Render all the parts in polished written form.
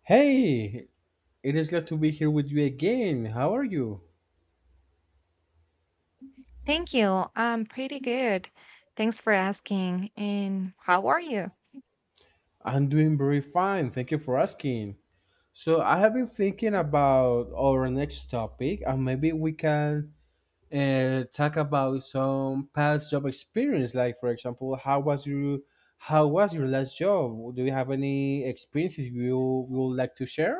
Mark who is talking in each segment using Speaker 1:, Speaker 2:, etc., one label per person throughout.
Speaker 1: Hey, it is glad to be here with you again. How are you?
Speaker 2: Thank you. I'm pretty good. Thanks for asking. And how are you?
Speaker 1: I'm doing very fine. Thank you for asking. So, I have been thinking about our next topic, and maybe we can talk about some past job experience. Like, for example, how was your last job? Do you have any experiences you would like to share?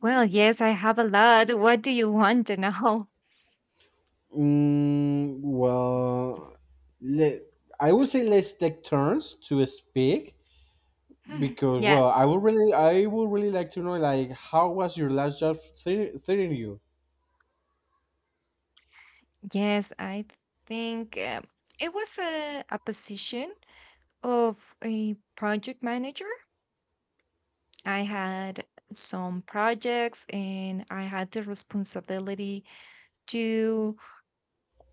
Speaker 2: Well, yes, I have a lot. What do you want to know?
Speaker 1: Well, let, I would say let's take turns to speak. Because
Speaker 2: Yes.
Speaker 1: well, I would really like to know like how was your last job treating you?
Speaker 2: Yes, I think it was a position of a project manager. I had some projects and I had the responsibility to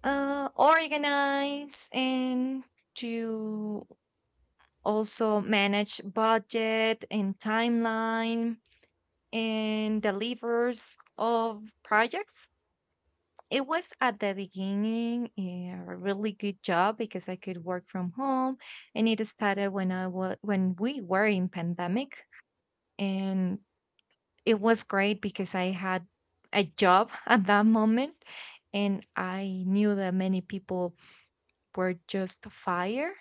Speaker 2: organize and to also manage budget and timeline and delivers of projects. It was at the beginning a really good job because I could work from home, and it started when I was when we were in pandemic. And it was great because I had a job at that moment, and I knew that many people were just fired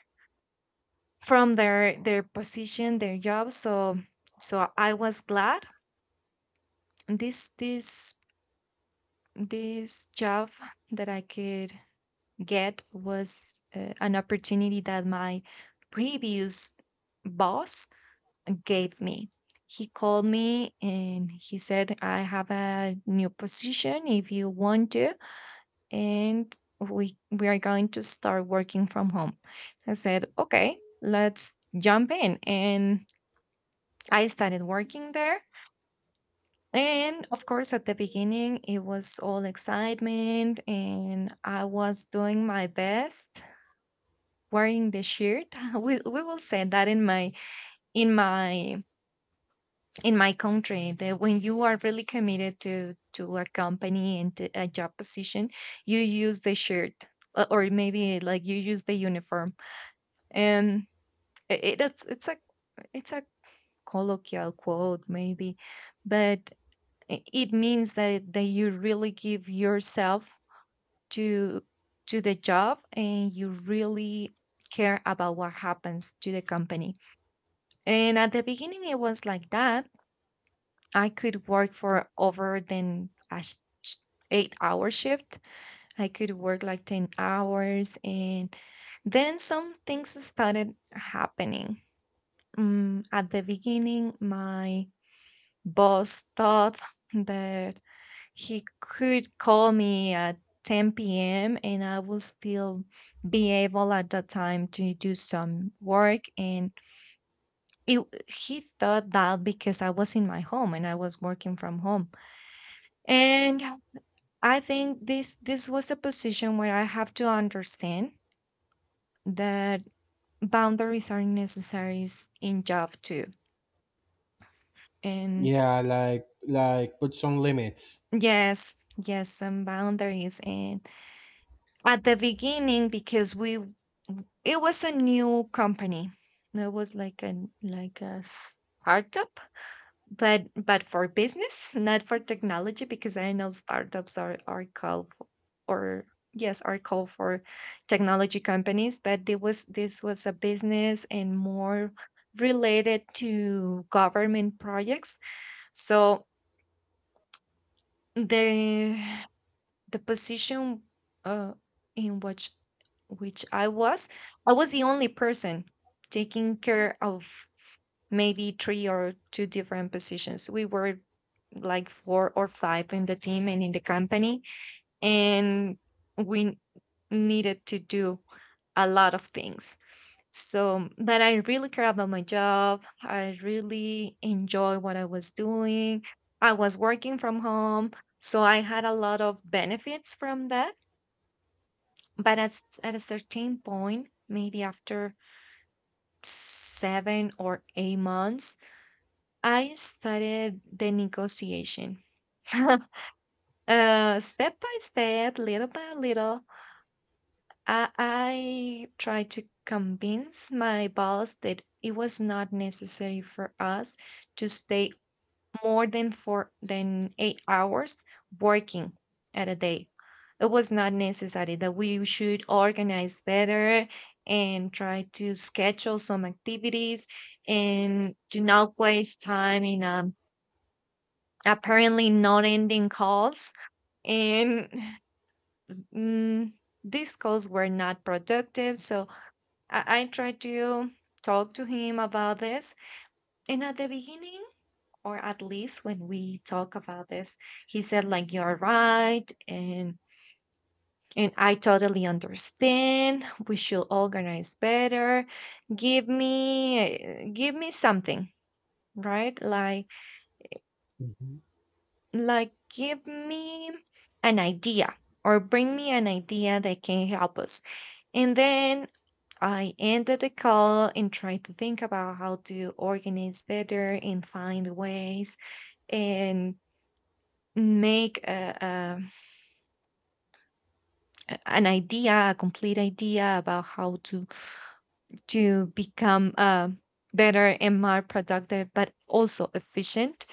Speaker 2: from their position, their job. So I was glad. This this this job that I could get was an opportunity that my previous boss gave me. He called me and he said, I have a new position if you want to. And we are going to start working from home. I said, okay, let's jump in. And I started working there. And of course, at the beginning, it was all excitement, and I was doing my best wearing the shirt. We will say that in my in my country that when you are really committed to a company and to a job position, you use the shirt, or maybe like you use the uniform. And it, it's it's a it's a colloquial quote maybe, but it means that you really give yourself to to the job, and you really care about what happens to the company. And at the beginning it was like that. I could work for over than a sh- 8-hour shift. I could work like 10 hours, and then some things started happening. At the beginning, my boss thought that he could call me at 10 p.m. and I would still be able at that time to do some work. And it, he thought that because I was in my home and I was working from home. And I think this was a position where I have to understand that boundaries are necessary in job too. And
Speaker 1: Yeah, like put some limits.
Speaker 2: yes, yes, some boundaries. And at the beginning, because we it was a new company. It was like a startup, but for business, not for technology, because I know startups are called for, or yes, are called for technology companies, but it was this was a business and more related to government projects. So the the position, uh, in which I was the only person taking care of maybe three or two different positions. We were like four or five in the team and in the company, and we needed to do a lot of things. So, but I really care about my job. I really enjoy what I was doing. I was working from home, so I had a lot of benefits from that. But at a certain point, maybe after 7 or 8 months, I started the negotiation. Step by step, little by little, I tried to convince my boss that it was not necessary for us to stay more than four than 8 hours working at a day. It was not necessary that we should organize better and try to schedule some activities and do not waste time in, apparently not ending calls. And mm, these calls were not productive, so I tried to talk to him about this. And at the beginning, or at least when we talk about this, he said, like, you're right. And I totally understand. We should organize better. Give me something, right? Like
Speaker 1: Mhm.
Speaker 2: like give me an idea or bring me an idea that can help us. And then I ended the call and tried to think about how to organize better and find ways and make a, an idea, a complete idea about how to become better and more productive, but also efficient.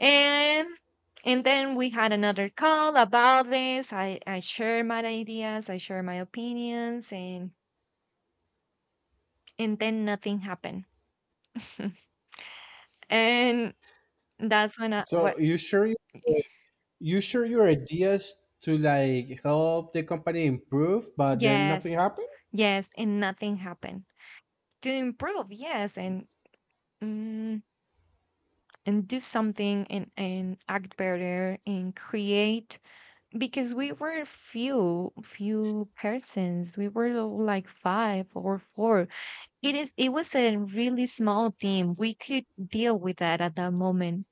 Speaker 2: And and then we had another call about this. I share my ideas, I share my opinions, and then nothing happened. And that's when I what.
Speaker 1: So you sure you sure your ideas to like help the company improve, but then nothing
Speaker 2: Yes,
Speaker 1: happened.
Speaker 2: yes, and nothing happened. To improve, yes, mm, and do something and act better and create, because we were few persons. We were all like five or four. It was a really small team. We could deal with that at that moment.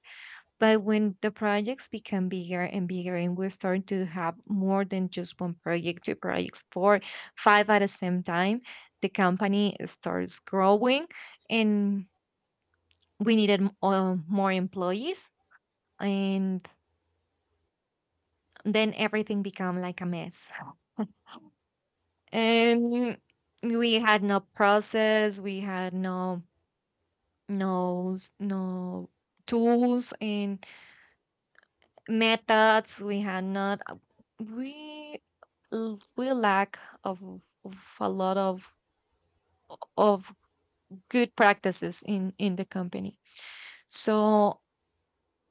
Speaker 2: But when the projects become bigger and bigger, and we start to have more than just one project, two projects, four, five at the same time, the company starts growing, and we needed more employees. And then everything become like a mess. And we had no process, we had no tools. And methods we had not, we l- we lack of, of a lot of good practices in the company. So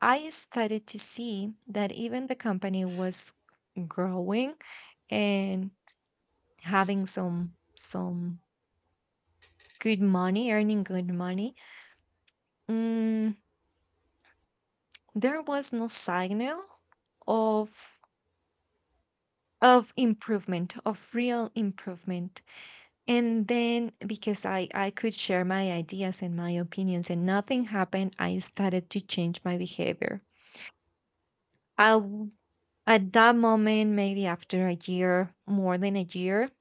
Speaker 2: I started to see that even the company was growing and having some good money earning good money, mm, there was no signal of of improvement of real improvement. And then, because I could share my ideas and my opinions and nothing happened, I started to change my behavior. i w- at that moment, maybe after a year, more than a year,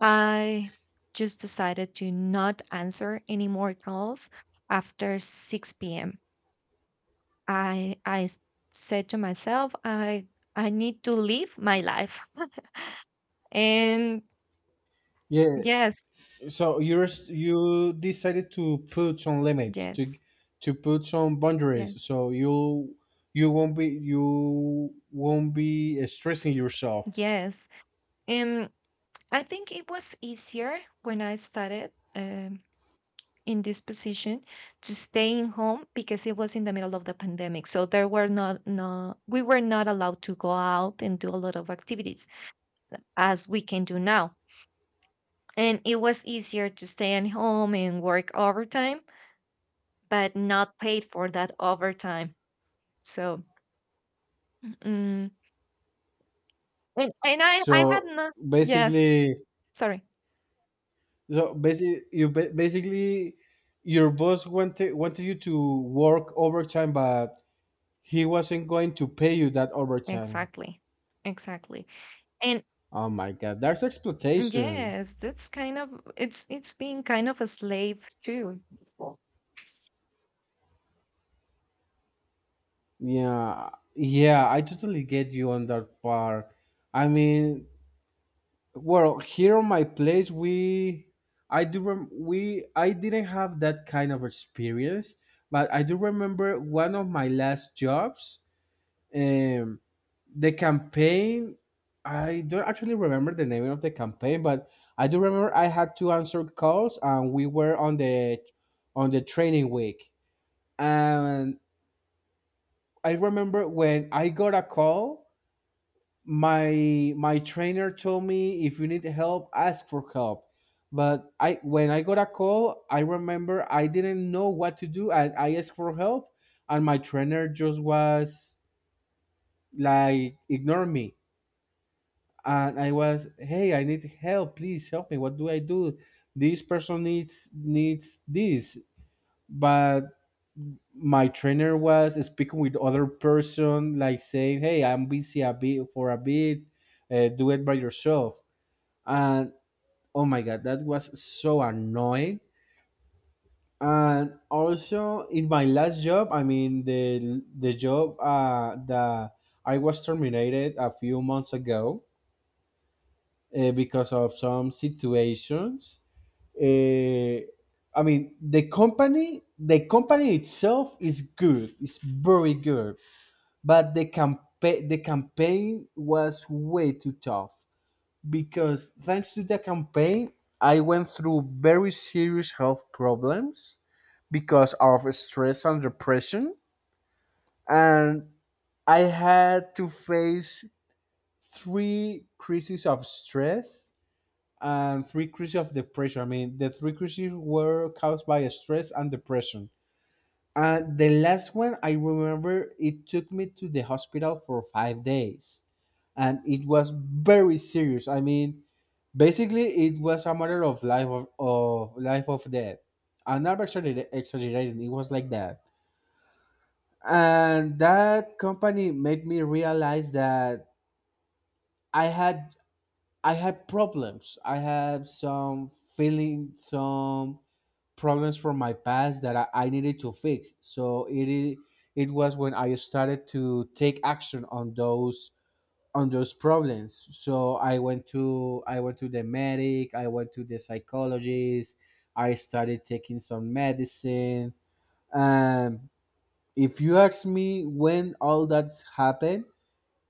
Speaker 2: I just decided to not answer any more calls after 6 p.m. I said to myself, I need to live my life. And
Speaker 1: Yeah.
Speaker 2: yes,
Speaker 1: So you decided to put some limits to
Speaker 2: yes,
Speaker 1: to put some
Speaker 2: yeah,
Speaker 1: boundaries. So you, you won't be stressing yourself.
Speaker 2: yes. um I think it was easier when I started in this position to stay in home because it was in the middle of the pandemic. So there were not no we were not allowed to go out and do a lot of activities as we can do now. And it was easier to stay at home and work overtime, but not paid for that overtime. So mm, and I had
Speaker 1: So
Speaker 2: not. Yes,
Speaker 1: basically,
Speaker 2: sorry.
Speaker 1: so basically, basically your boss wanted you to work overtime, but he wasn't going to pay you that overtime.
Speaker 2: Exactly. Exactly. And
Speaker 1: Oh my god, that's exploitation.
Speaker 2: yes, that's kind of it's being kind of a slave too.
Speaker 1: Yeah, yeah, I totally get you on that part. I mean, well, here on my place, I do, rem- we, I didn't have that kind of experience, but I do remember one of my last jobs. Um, the campaign, I don't actually remember the name of the campaign, but I do remember I had to answer calls and we were on the training week, and I remember when I got a call, my trainer told me if you need help, ask for help. But I when I got a call, I remember I didn't know what to do. I asked for help, and my trainer just was like ignore me. And I was, hey, I need help. Please help me. What do I do? This person needs this. But my trainer was speaking with other person, like saying, hey, I'm busy a bit for a bit. Do it by yourself. And oh my god, that was so annoying. And also in my last job, I mean the job that I was terminated a few months ago because of some situations. Uh, I mean, the company itself is good. It's very good, but the campaign was way too tough because thanks to the campaign, I went through very serious health problems because of stress and depression, and I had to face three crises of stress and three crises of depression. I mean, the three crises were caused by stress and depression. And the last one, I remember it took me to the hospital for 5 days. And it was very serious. I mean, basically, it was a matter of of life of death. I'm not exagger- exaggerating. It was like that. And that company made me realize that I had I had problems. I had some some problems from my past that I needed to fix. So it was when I started to take action on those, on those problems. So I went to the medic, I went to the psychologist, I started taking some medicine. Um if you ask me when all that's happened,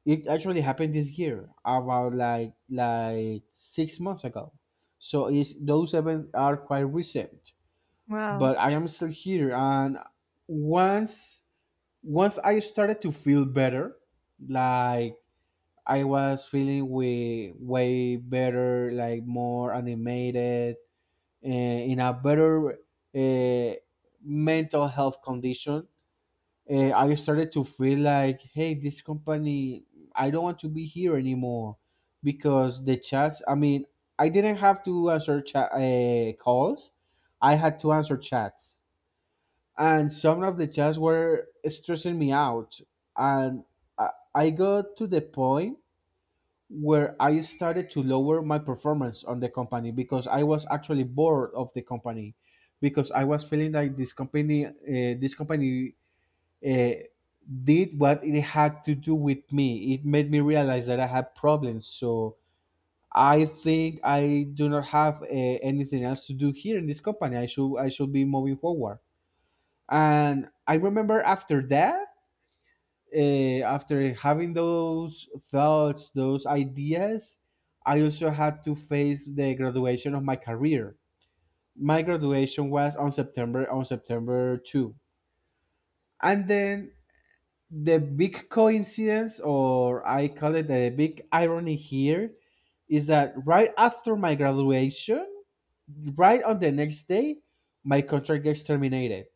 Speaker 1: it actually happened this year, about like 6 months ago. So is those events are quite recent,
Speaker 2: Wow.
Speaker 1: but I am still here. And once once I started to feel better, like I was feeling way better, like more animated, in a better uh, mental health condition. I started to feel like, hey, this company, I don't want to be here anymore because the chats. I mean, I didn't have to answer chat calls; I had to answer chats, and some of the chats were stressing me out. And I got to the point where I started to lower my performance on the company because I was actually bored of the company, because I was feeling like this company uh, did what it had to do with me. It made me realize that I had problems, so I think I do not have anything else to do here in this company. I should I should be moving forward. And I remember after that, uh, after having those thoughts, those ideas, I also had to face the graduation of my career. My graduation was on September 2. And then the big coincidence, or I call it a big irony here, is that right after my graduation, right on the next day, my contract gets terminated.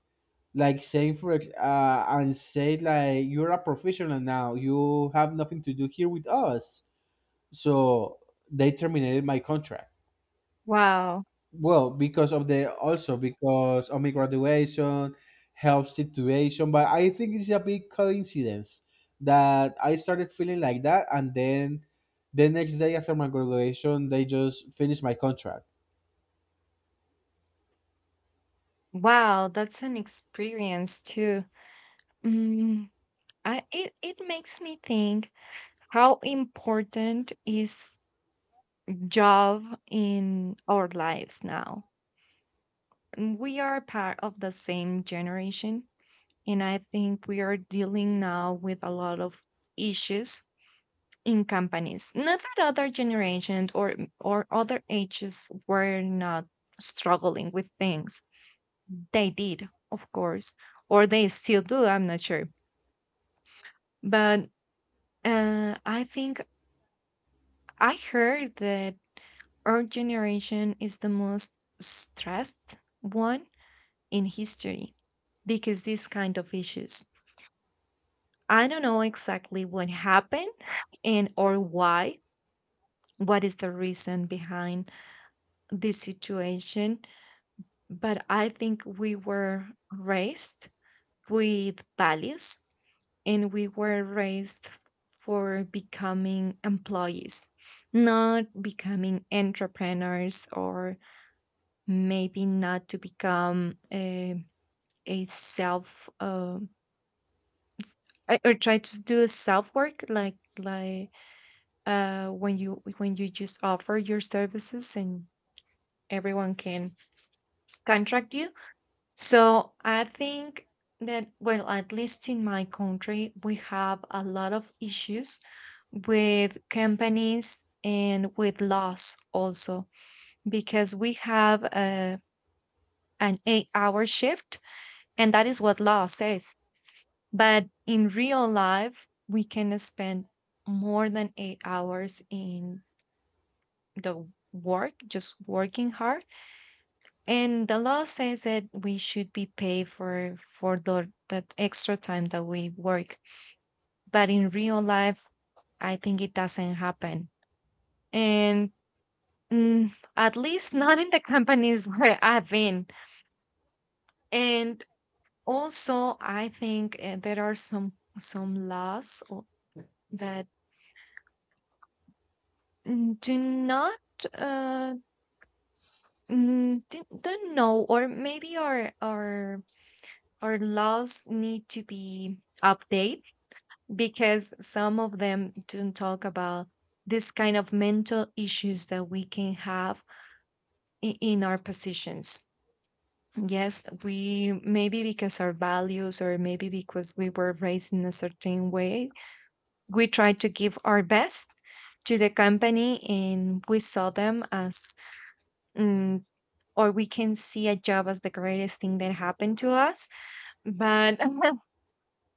Speaker 1: Like say for ex- and say like you're a professional now, you have nothing to do here with us. So they terminated my contract.
Speaker 2: Wow.
Speaker 1: Well, because of the, also because of my graduation health situation, but I think it's a big coincidence that I started feeling like that, and then the next day after my graduation, they just finished my contract.
Speaker 2: Wow, that's an experience too. Mm, it makes me think how important is job in our lives now. We are part of the same generation, and I think we are dealing now with a lot of issues in companies. Not that other generations or other ages were not struggling with things. They did, of course, or they still do. I'm not sure, but I think I heard that our generation is the most stressed one in history because these kind of issues. I don't know exactly what happened and or why. What is the reason behind this situation? But I think we were raised with values, and we were raised for becoming employees, not becoming entrepreneurs, or maybe not to become a self or try to do self work, like when you just offer your services and everyone can contract you. So I think that, well, at least in my country, we have a lot of issues with companies and with laws also, because we have an 8-hour shift, and that is what law says. But in real life, we can spend more than 8 hours in the work, just working hard. And the law says that we should be paid for the that extra time that we work. But in real life, I think it doesn't happen. And at least not in the companies where I've been. And also, I think there are some laws that do not uh don't know. Or maybe our laws need to be updated, because some of them don't talk about this kind of mental issues that we can have in our positions. Yes, we, maybe because our values or maybe because we were raised in a certain way, we try to give our best to the company, and we saw them as, mm, or we can see a job as the greatest thing that happened to us, but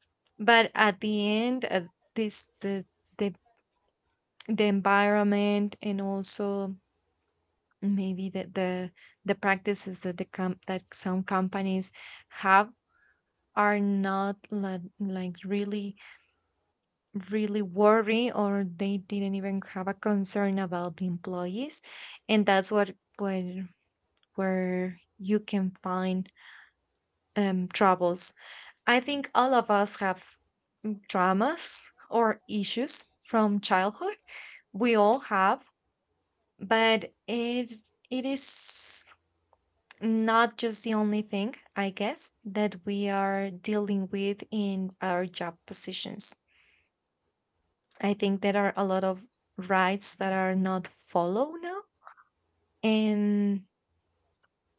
Speaker 2: but at the end, this the the environment, and also maybe the practices that that some companies have, are not like, really worry or they didn't even have a concern about the employees, and that's what where you can find, troubles. I think all of us have traumas or issues from childhood. We all have. But it is not just the only thing, I guess, that we are dealing with in our job positions. I think there are a lot of rights that are not followed now, and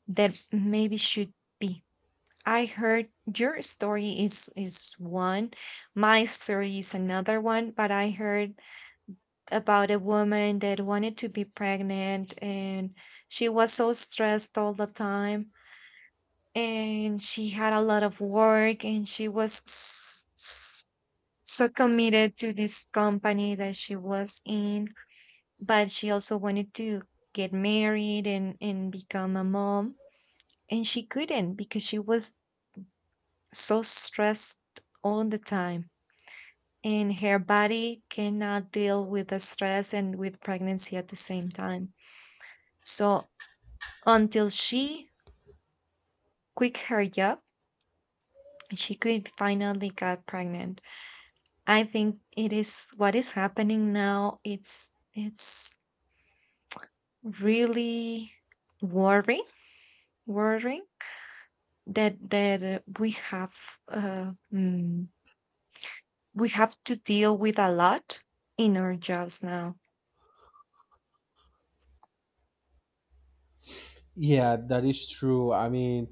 Speaker 2: that maybe should be. I heard your story is one, my story is another one, but I heard about a woman that wanted to be pregnant, and she was so stressed all the time, and she had a lot of work, and she was so committed to this company that she was in, but she also wanted to get married and become a mom, and she couldn't because she was so stressed all the time, and her body cannot deal with the stress and with pregnancy at the same time. So, until she quit her job, she could finally got pregnant. I think it is what is happening now. It's really worrying, worrying that we have to deal with a lot in our jobs now.
Speaker 1: Yeah, that is true. I mean,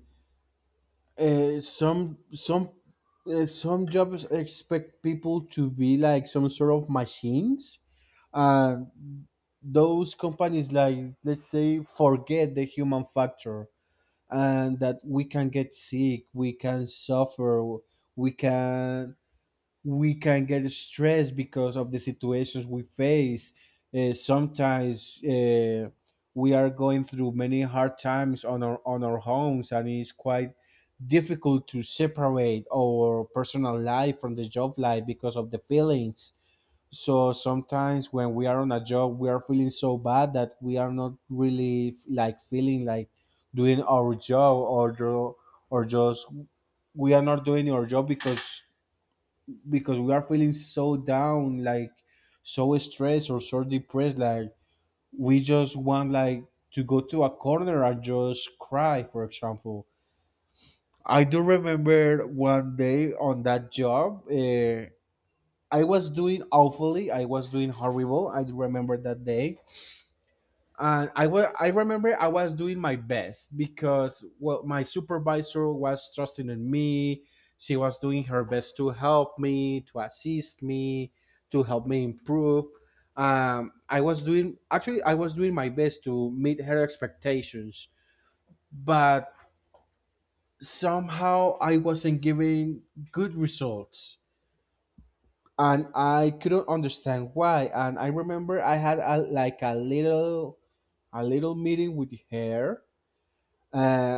Speaker 1: Uh, some some some jobs expect people to be like some sort of machines, and those companies like let's say forget the human factor, and that we can get sick, we can suffer, we can we can get stressed because of the situations we face. Sometimes we are going through many hard times on our homes, and it's quite difficult to separate our personal life from the job life because of the feelings. So sometimes when we are on a job, we are feeling so bad that we are not really like feeling like doing our job, or just we are not doing our job because we are feeling so down, like so stressed or so depressed, like we just want like to go to a corner and just cry, for example. I do remember one day on that job, I was doing awfully, I was doing horrible. I do remember that day. And I remember I was doing my best because well my supervisor was trusting in me. She was doing her best to help me, to assist me, to help me improve. I was doing actually I was doing my best to meet her expectations, but somehow I wasn't giving good results, and I couldn't understand why. And I remember I had like a little meeting with her,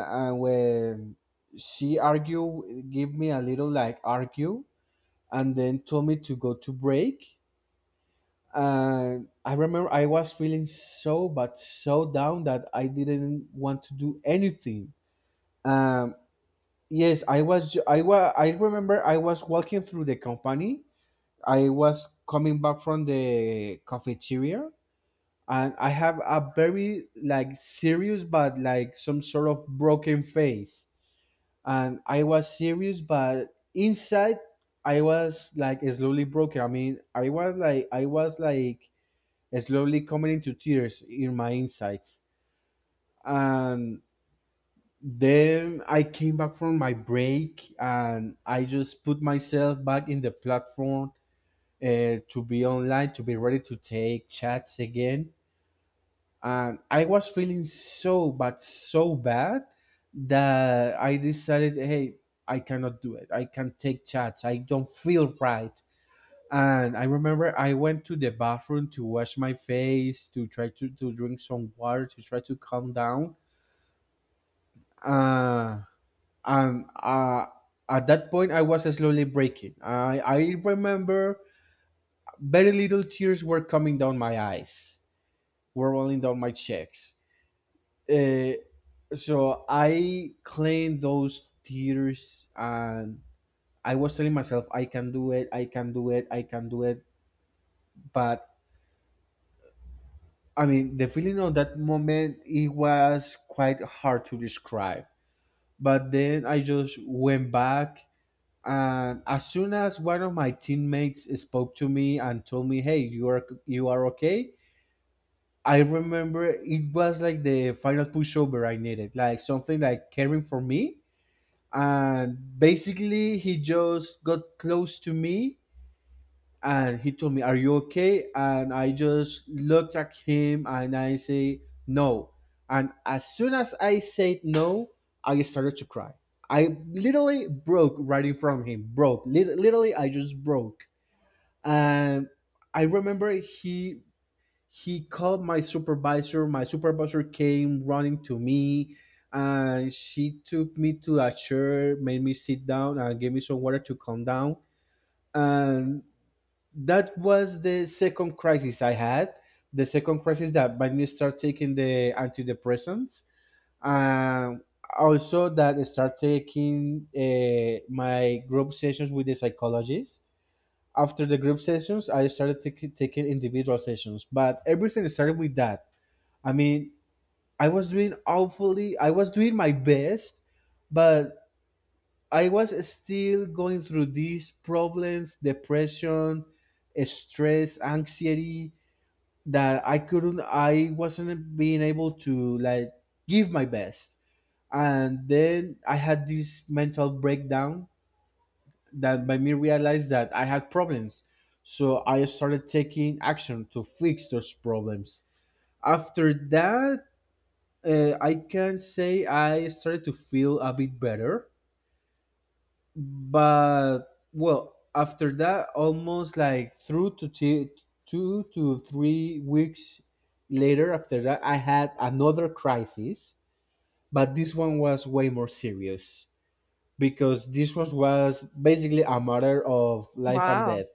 Speaker 1: and when she argue, give me a little like argue, and then told me to go to break. And I remember I was feeling so but so down that I didn't want to do anything. um, yes, I remember I was walking through the company, I was coming back from the cafeteria, and I have a very like serious but like some sort of broken face. And I was serious, but inside I was like slowly broken. I mean, I was like slowly coming into tears in my insides, and then I came back from my break, and I just put myself back in the platform to be online, to be ready to take chats again. And I was feeling so bad that I decided, hey, I cannot do it. I can't take chats. I don't feel right. And I remember I went to the bathroom to wash my face, to try to drink some water, to try to calm down. Uh, and at that point, I was slowly breaking. I remember very little tears were coming down my eyes, were rolling down my cheeks. Uh, so I cleaned those theaters, and I was telling myself I can do it, I can do it, I can do it. But I mean the feeling of that moment, it was quite hard to describe. But then I just went back, and as soon as one of my teammates spoke to me and told me, hey, you are okay. I remember it was like the final pushover I needed, like something like caring for me. And basically he just got close to me, and he told me are you okay, and I just looked at him and I say no. And as soon as I said no, I started to cry. I literally broke right in front of him, broke Lit- literally I just broke. And I remember he called my supervisor. My supervisor came running to me, and she took me to a chair, made me sit down, and gave me some water to calm down. And that was the second crisis I had. The second crisis that made me start taking the antidepressants. Um, also, that I start taking my group sessions with the psychologist. After the group sessions, I started taking individual sessions, but everything started with that. I mean, I was doing awfully, I was doing my best, but I was still going through these problems, depression, stress, anxiety that I wasn't being able to like give my best. And then I had this mental breakdown that made me realize that I had problems. So I started taking action to fix those problems. After that, I can say I started to feel a bit better, but well, after that, almost like through to t- 2 to 3 weeks later, after that, I had another crisis, but this one was way more serious because this one was basically a matter of life and
Speaker 2: Wow.
Speaker 1: death.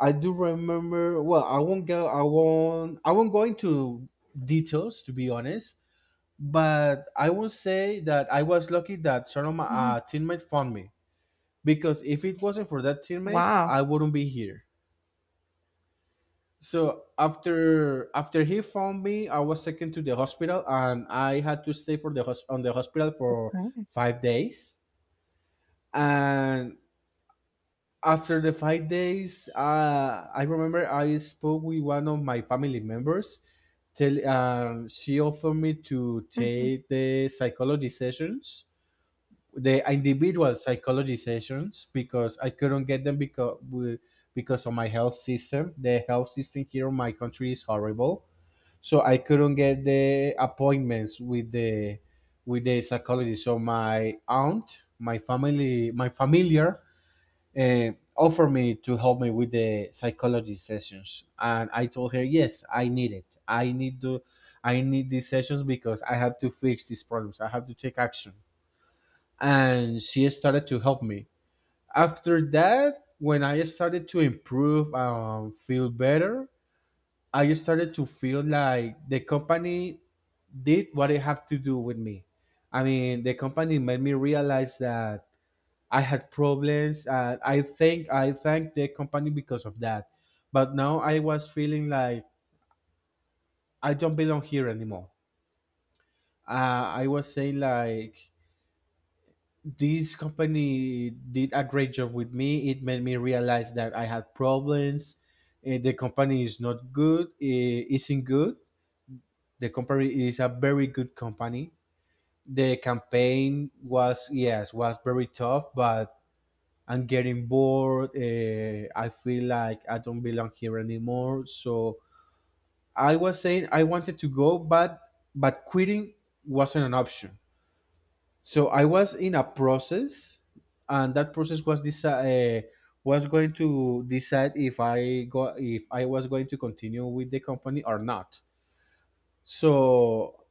Speaker 1: I do remember. Well, I won't go. I won't. I won't go into details, to be honest, but I will say that I was lucky that sort of my
Speaker 2: Mhm.
Speaker 1: teammate found me, because if it wasn't for that teammate,
Speaker 2: Wow.
Speaker 1: I wouldn't be here. So after he found me, I was taken to the hospital and I had to stay for on the hospital for
Speaker 2: Okay.
Speaker 1: 5 days. And after the 5 days, I remember I spoke with one of my family members. She offered me to
Speaker 2: Mhm.
Speaker 1: take the psychology sessions, the individual psychology sessions, because I couldn't get them because of my health system. The health system here in my country is horrible, so I couldn't get the appointments with the psychology. So my aunt, my family, my familiar. Offered me to help me with the psychology sessions, and I told her, yes, I need it, I need to, I need these sessions because I have to fix these problems, I have to take action. And she started to help me. After that, when I started to improve and feel better, I started to feel like the company did what it had to do with me. I mean, the company made me realize that I had problems. I thank the company because of that. But now I was feeling like I don't belong here anymore. I was saying like this company did a great job with me. It made me realize that I had problems. Eh, the company is not good. Eh, Isn't good. The company is a very good company. The campaign was, yes, was very tough, but I'm getting bored. I feel like I don't belong here anymore. So I was saying I wanted to go, but quitting wasn't an option. So I was in a process, and that process was was going to decide if I was going to continue with the company or not. So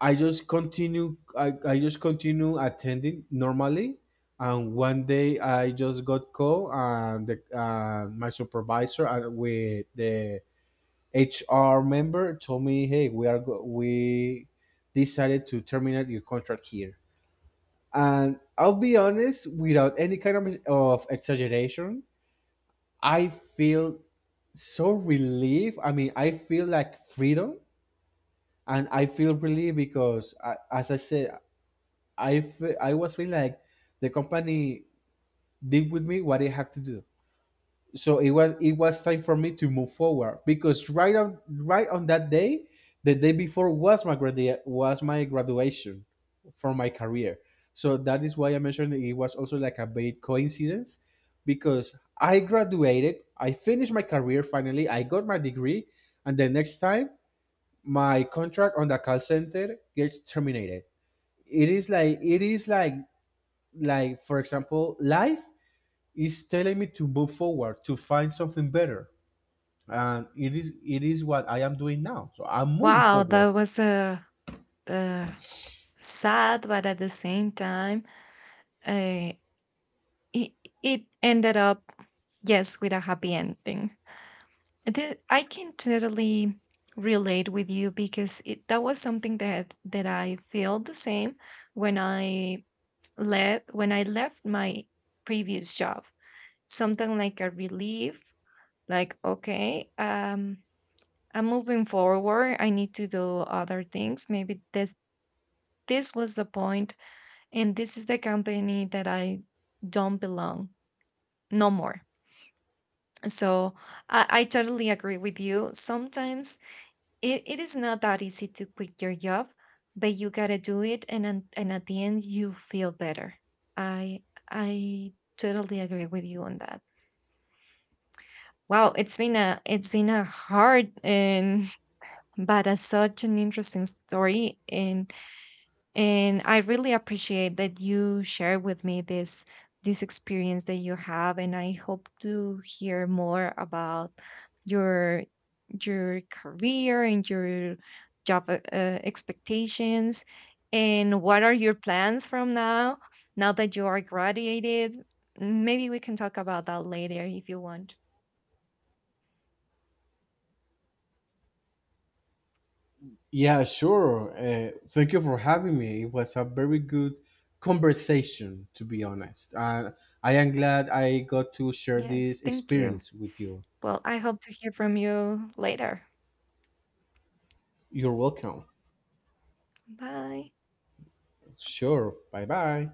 Speaker 1: I just continue attending normally, and one day I just got call and my supervisor and with the HR member told me, hey, we decided to terminate your contract here. And I'll be honest, without any kind of exaggeration, I feel so relieved. I mean, I feel like freedom and I feel relieved because, I, as I said, I was feeling like the company did with me what it had to do. So it was, it was time for me to move forward, because right on that day, the day before was my was my graduation for my career. So that is why I mentioned it was also like a big coincidence, because I graduated, I finished my career, finally I got my degree. And the next time my contract on the call center gets terminated, it is like like, for example, life is telling me to move forward, to find something better. And it is what I am doing now. So I'm moving
Speaker 2: Wow,
Speaker 1: forward.
Speaker 2: that was a uh, uh, sad, but at the same time, uh, it it ended up, yes, with a happy ending. I can totally relate with you because, that was something that I felt the same when I when I left my previous job. Something like a relief, like okay, I'm moving forward. I need to do other things. Maybe this was the point, and this is the company that I don't belong no more. So I totally agree with you. Sometimes it is not that easy to quit your job, but you gotta do it, and at the end you feel better. I i totally agree with you on that. Wow, it's been a hard and but such an interesting story, and I really appreciate that you shared with me this experience that you have. And I hope to hear more about your your career and your job expectations, and what are your plans from now, now that you are graduated. Maybe we can talk about that later if you want.
Speaker 1: Yeah, sure. Thank you for having me. It was a very good conversation, to be honest. I am glad I got to share
Speaker 2: Yes,
Speaker 1: this
Speaker 2: thank you.
Speaker 1: experience with you.
Speaker 2: Well, I hope to hear from you later.
Speaker 1: You're welcome.
Speaker 2: Bye.
Speaker 1: Sure. Bye bye.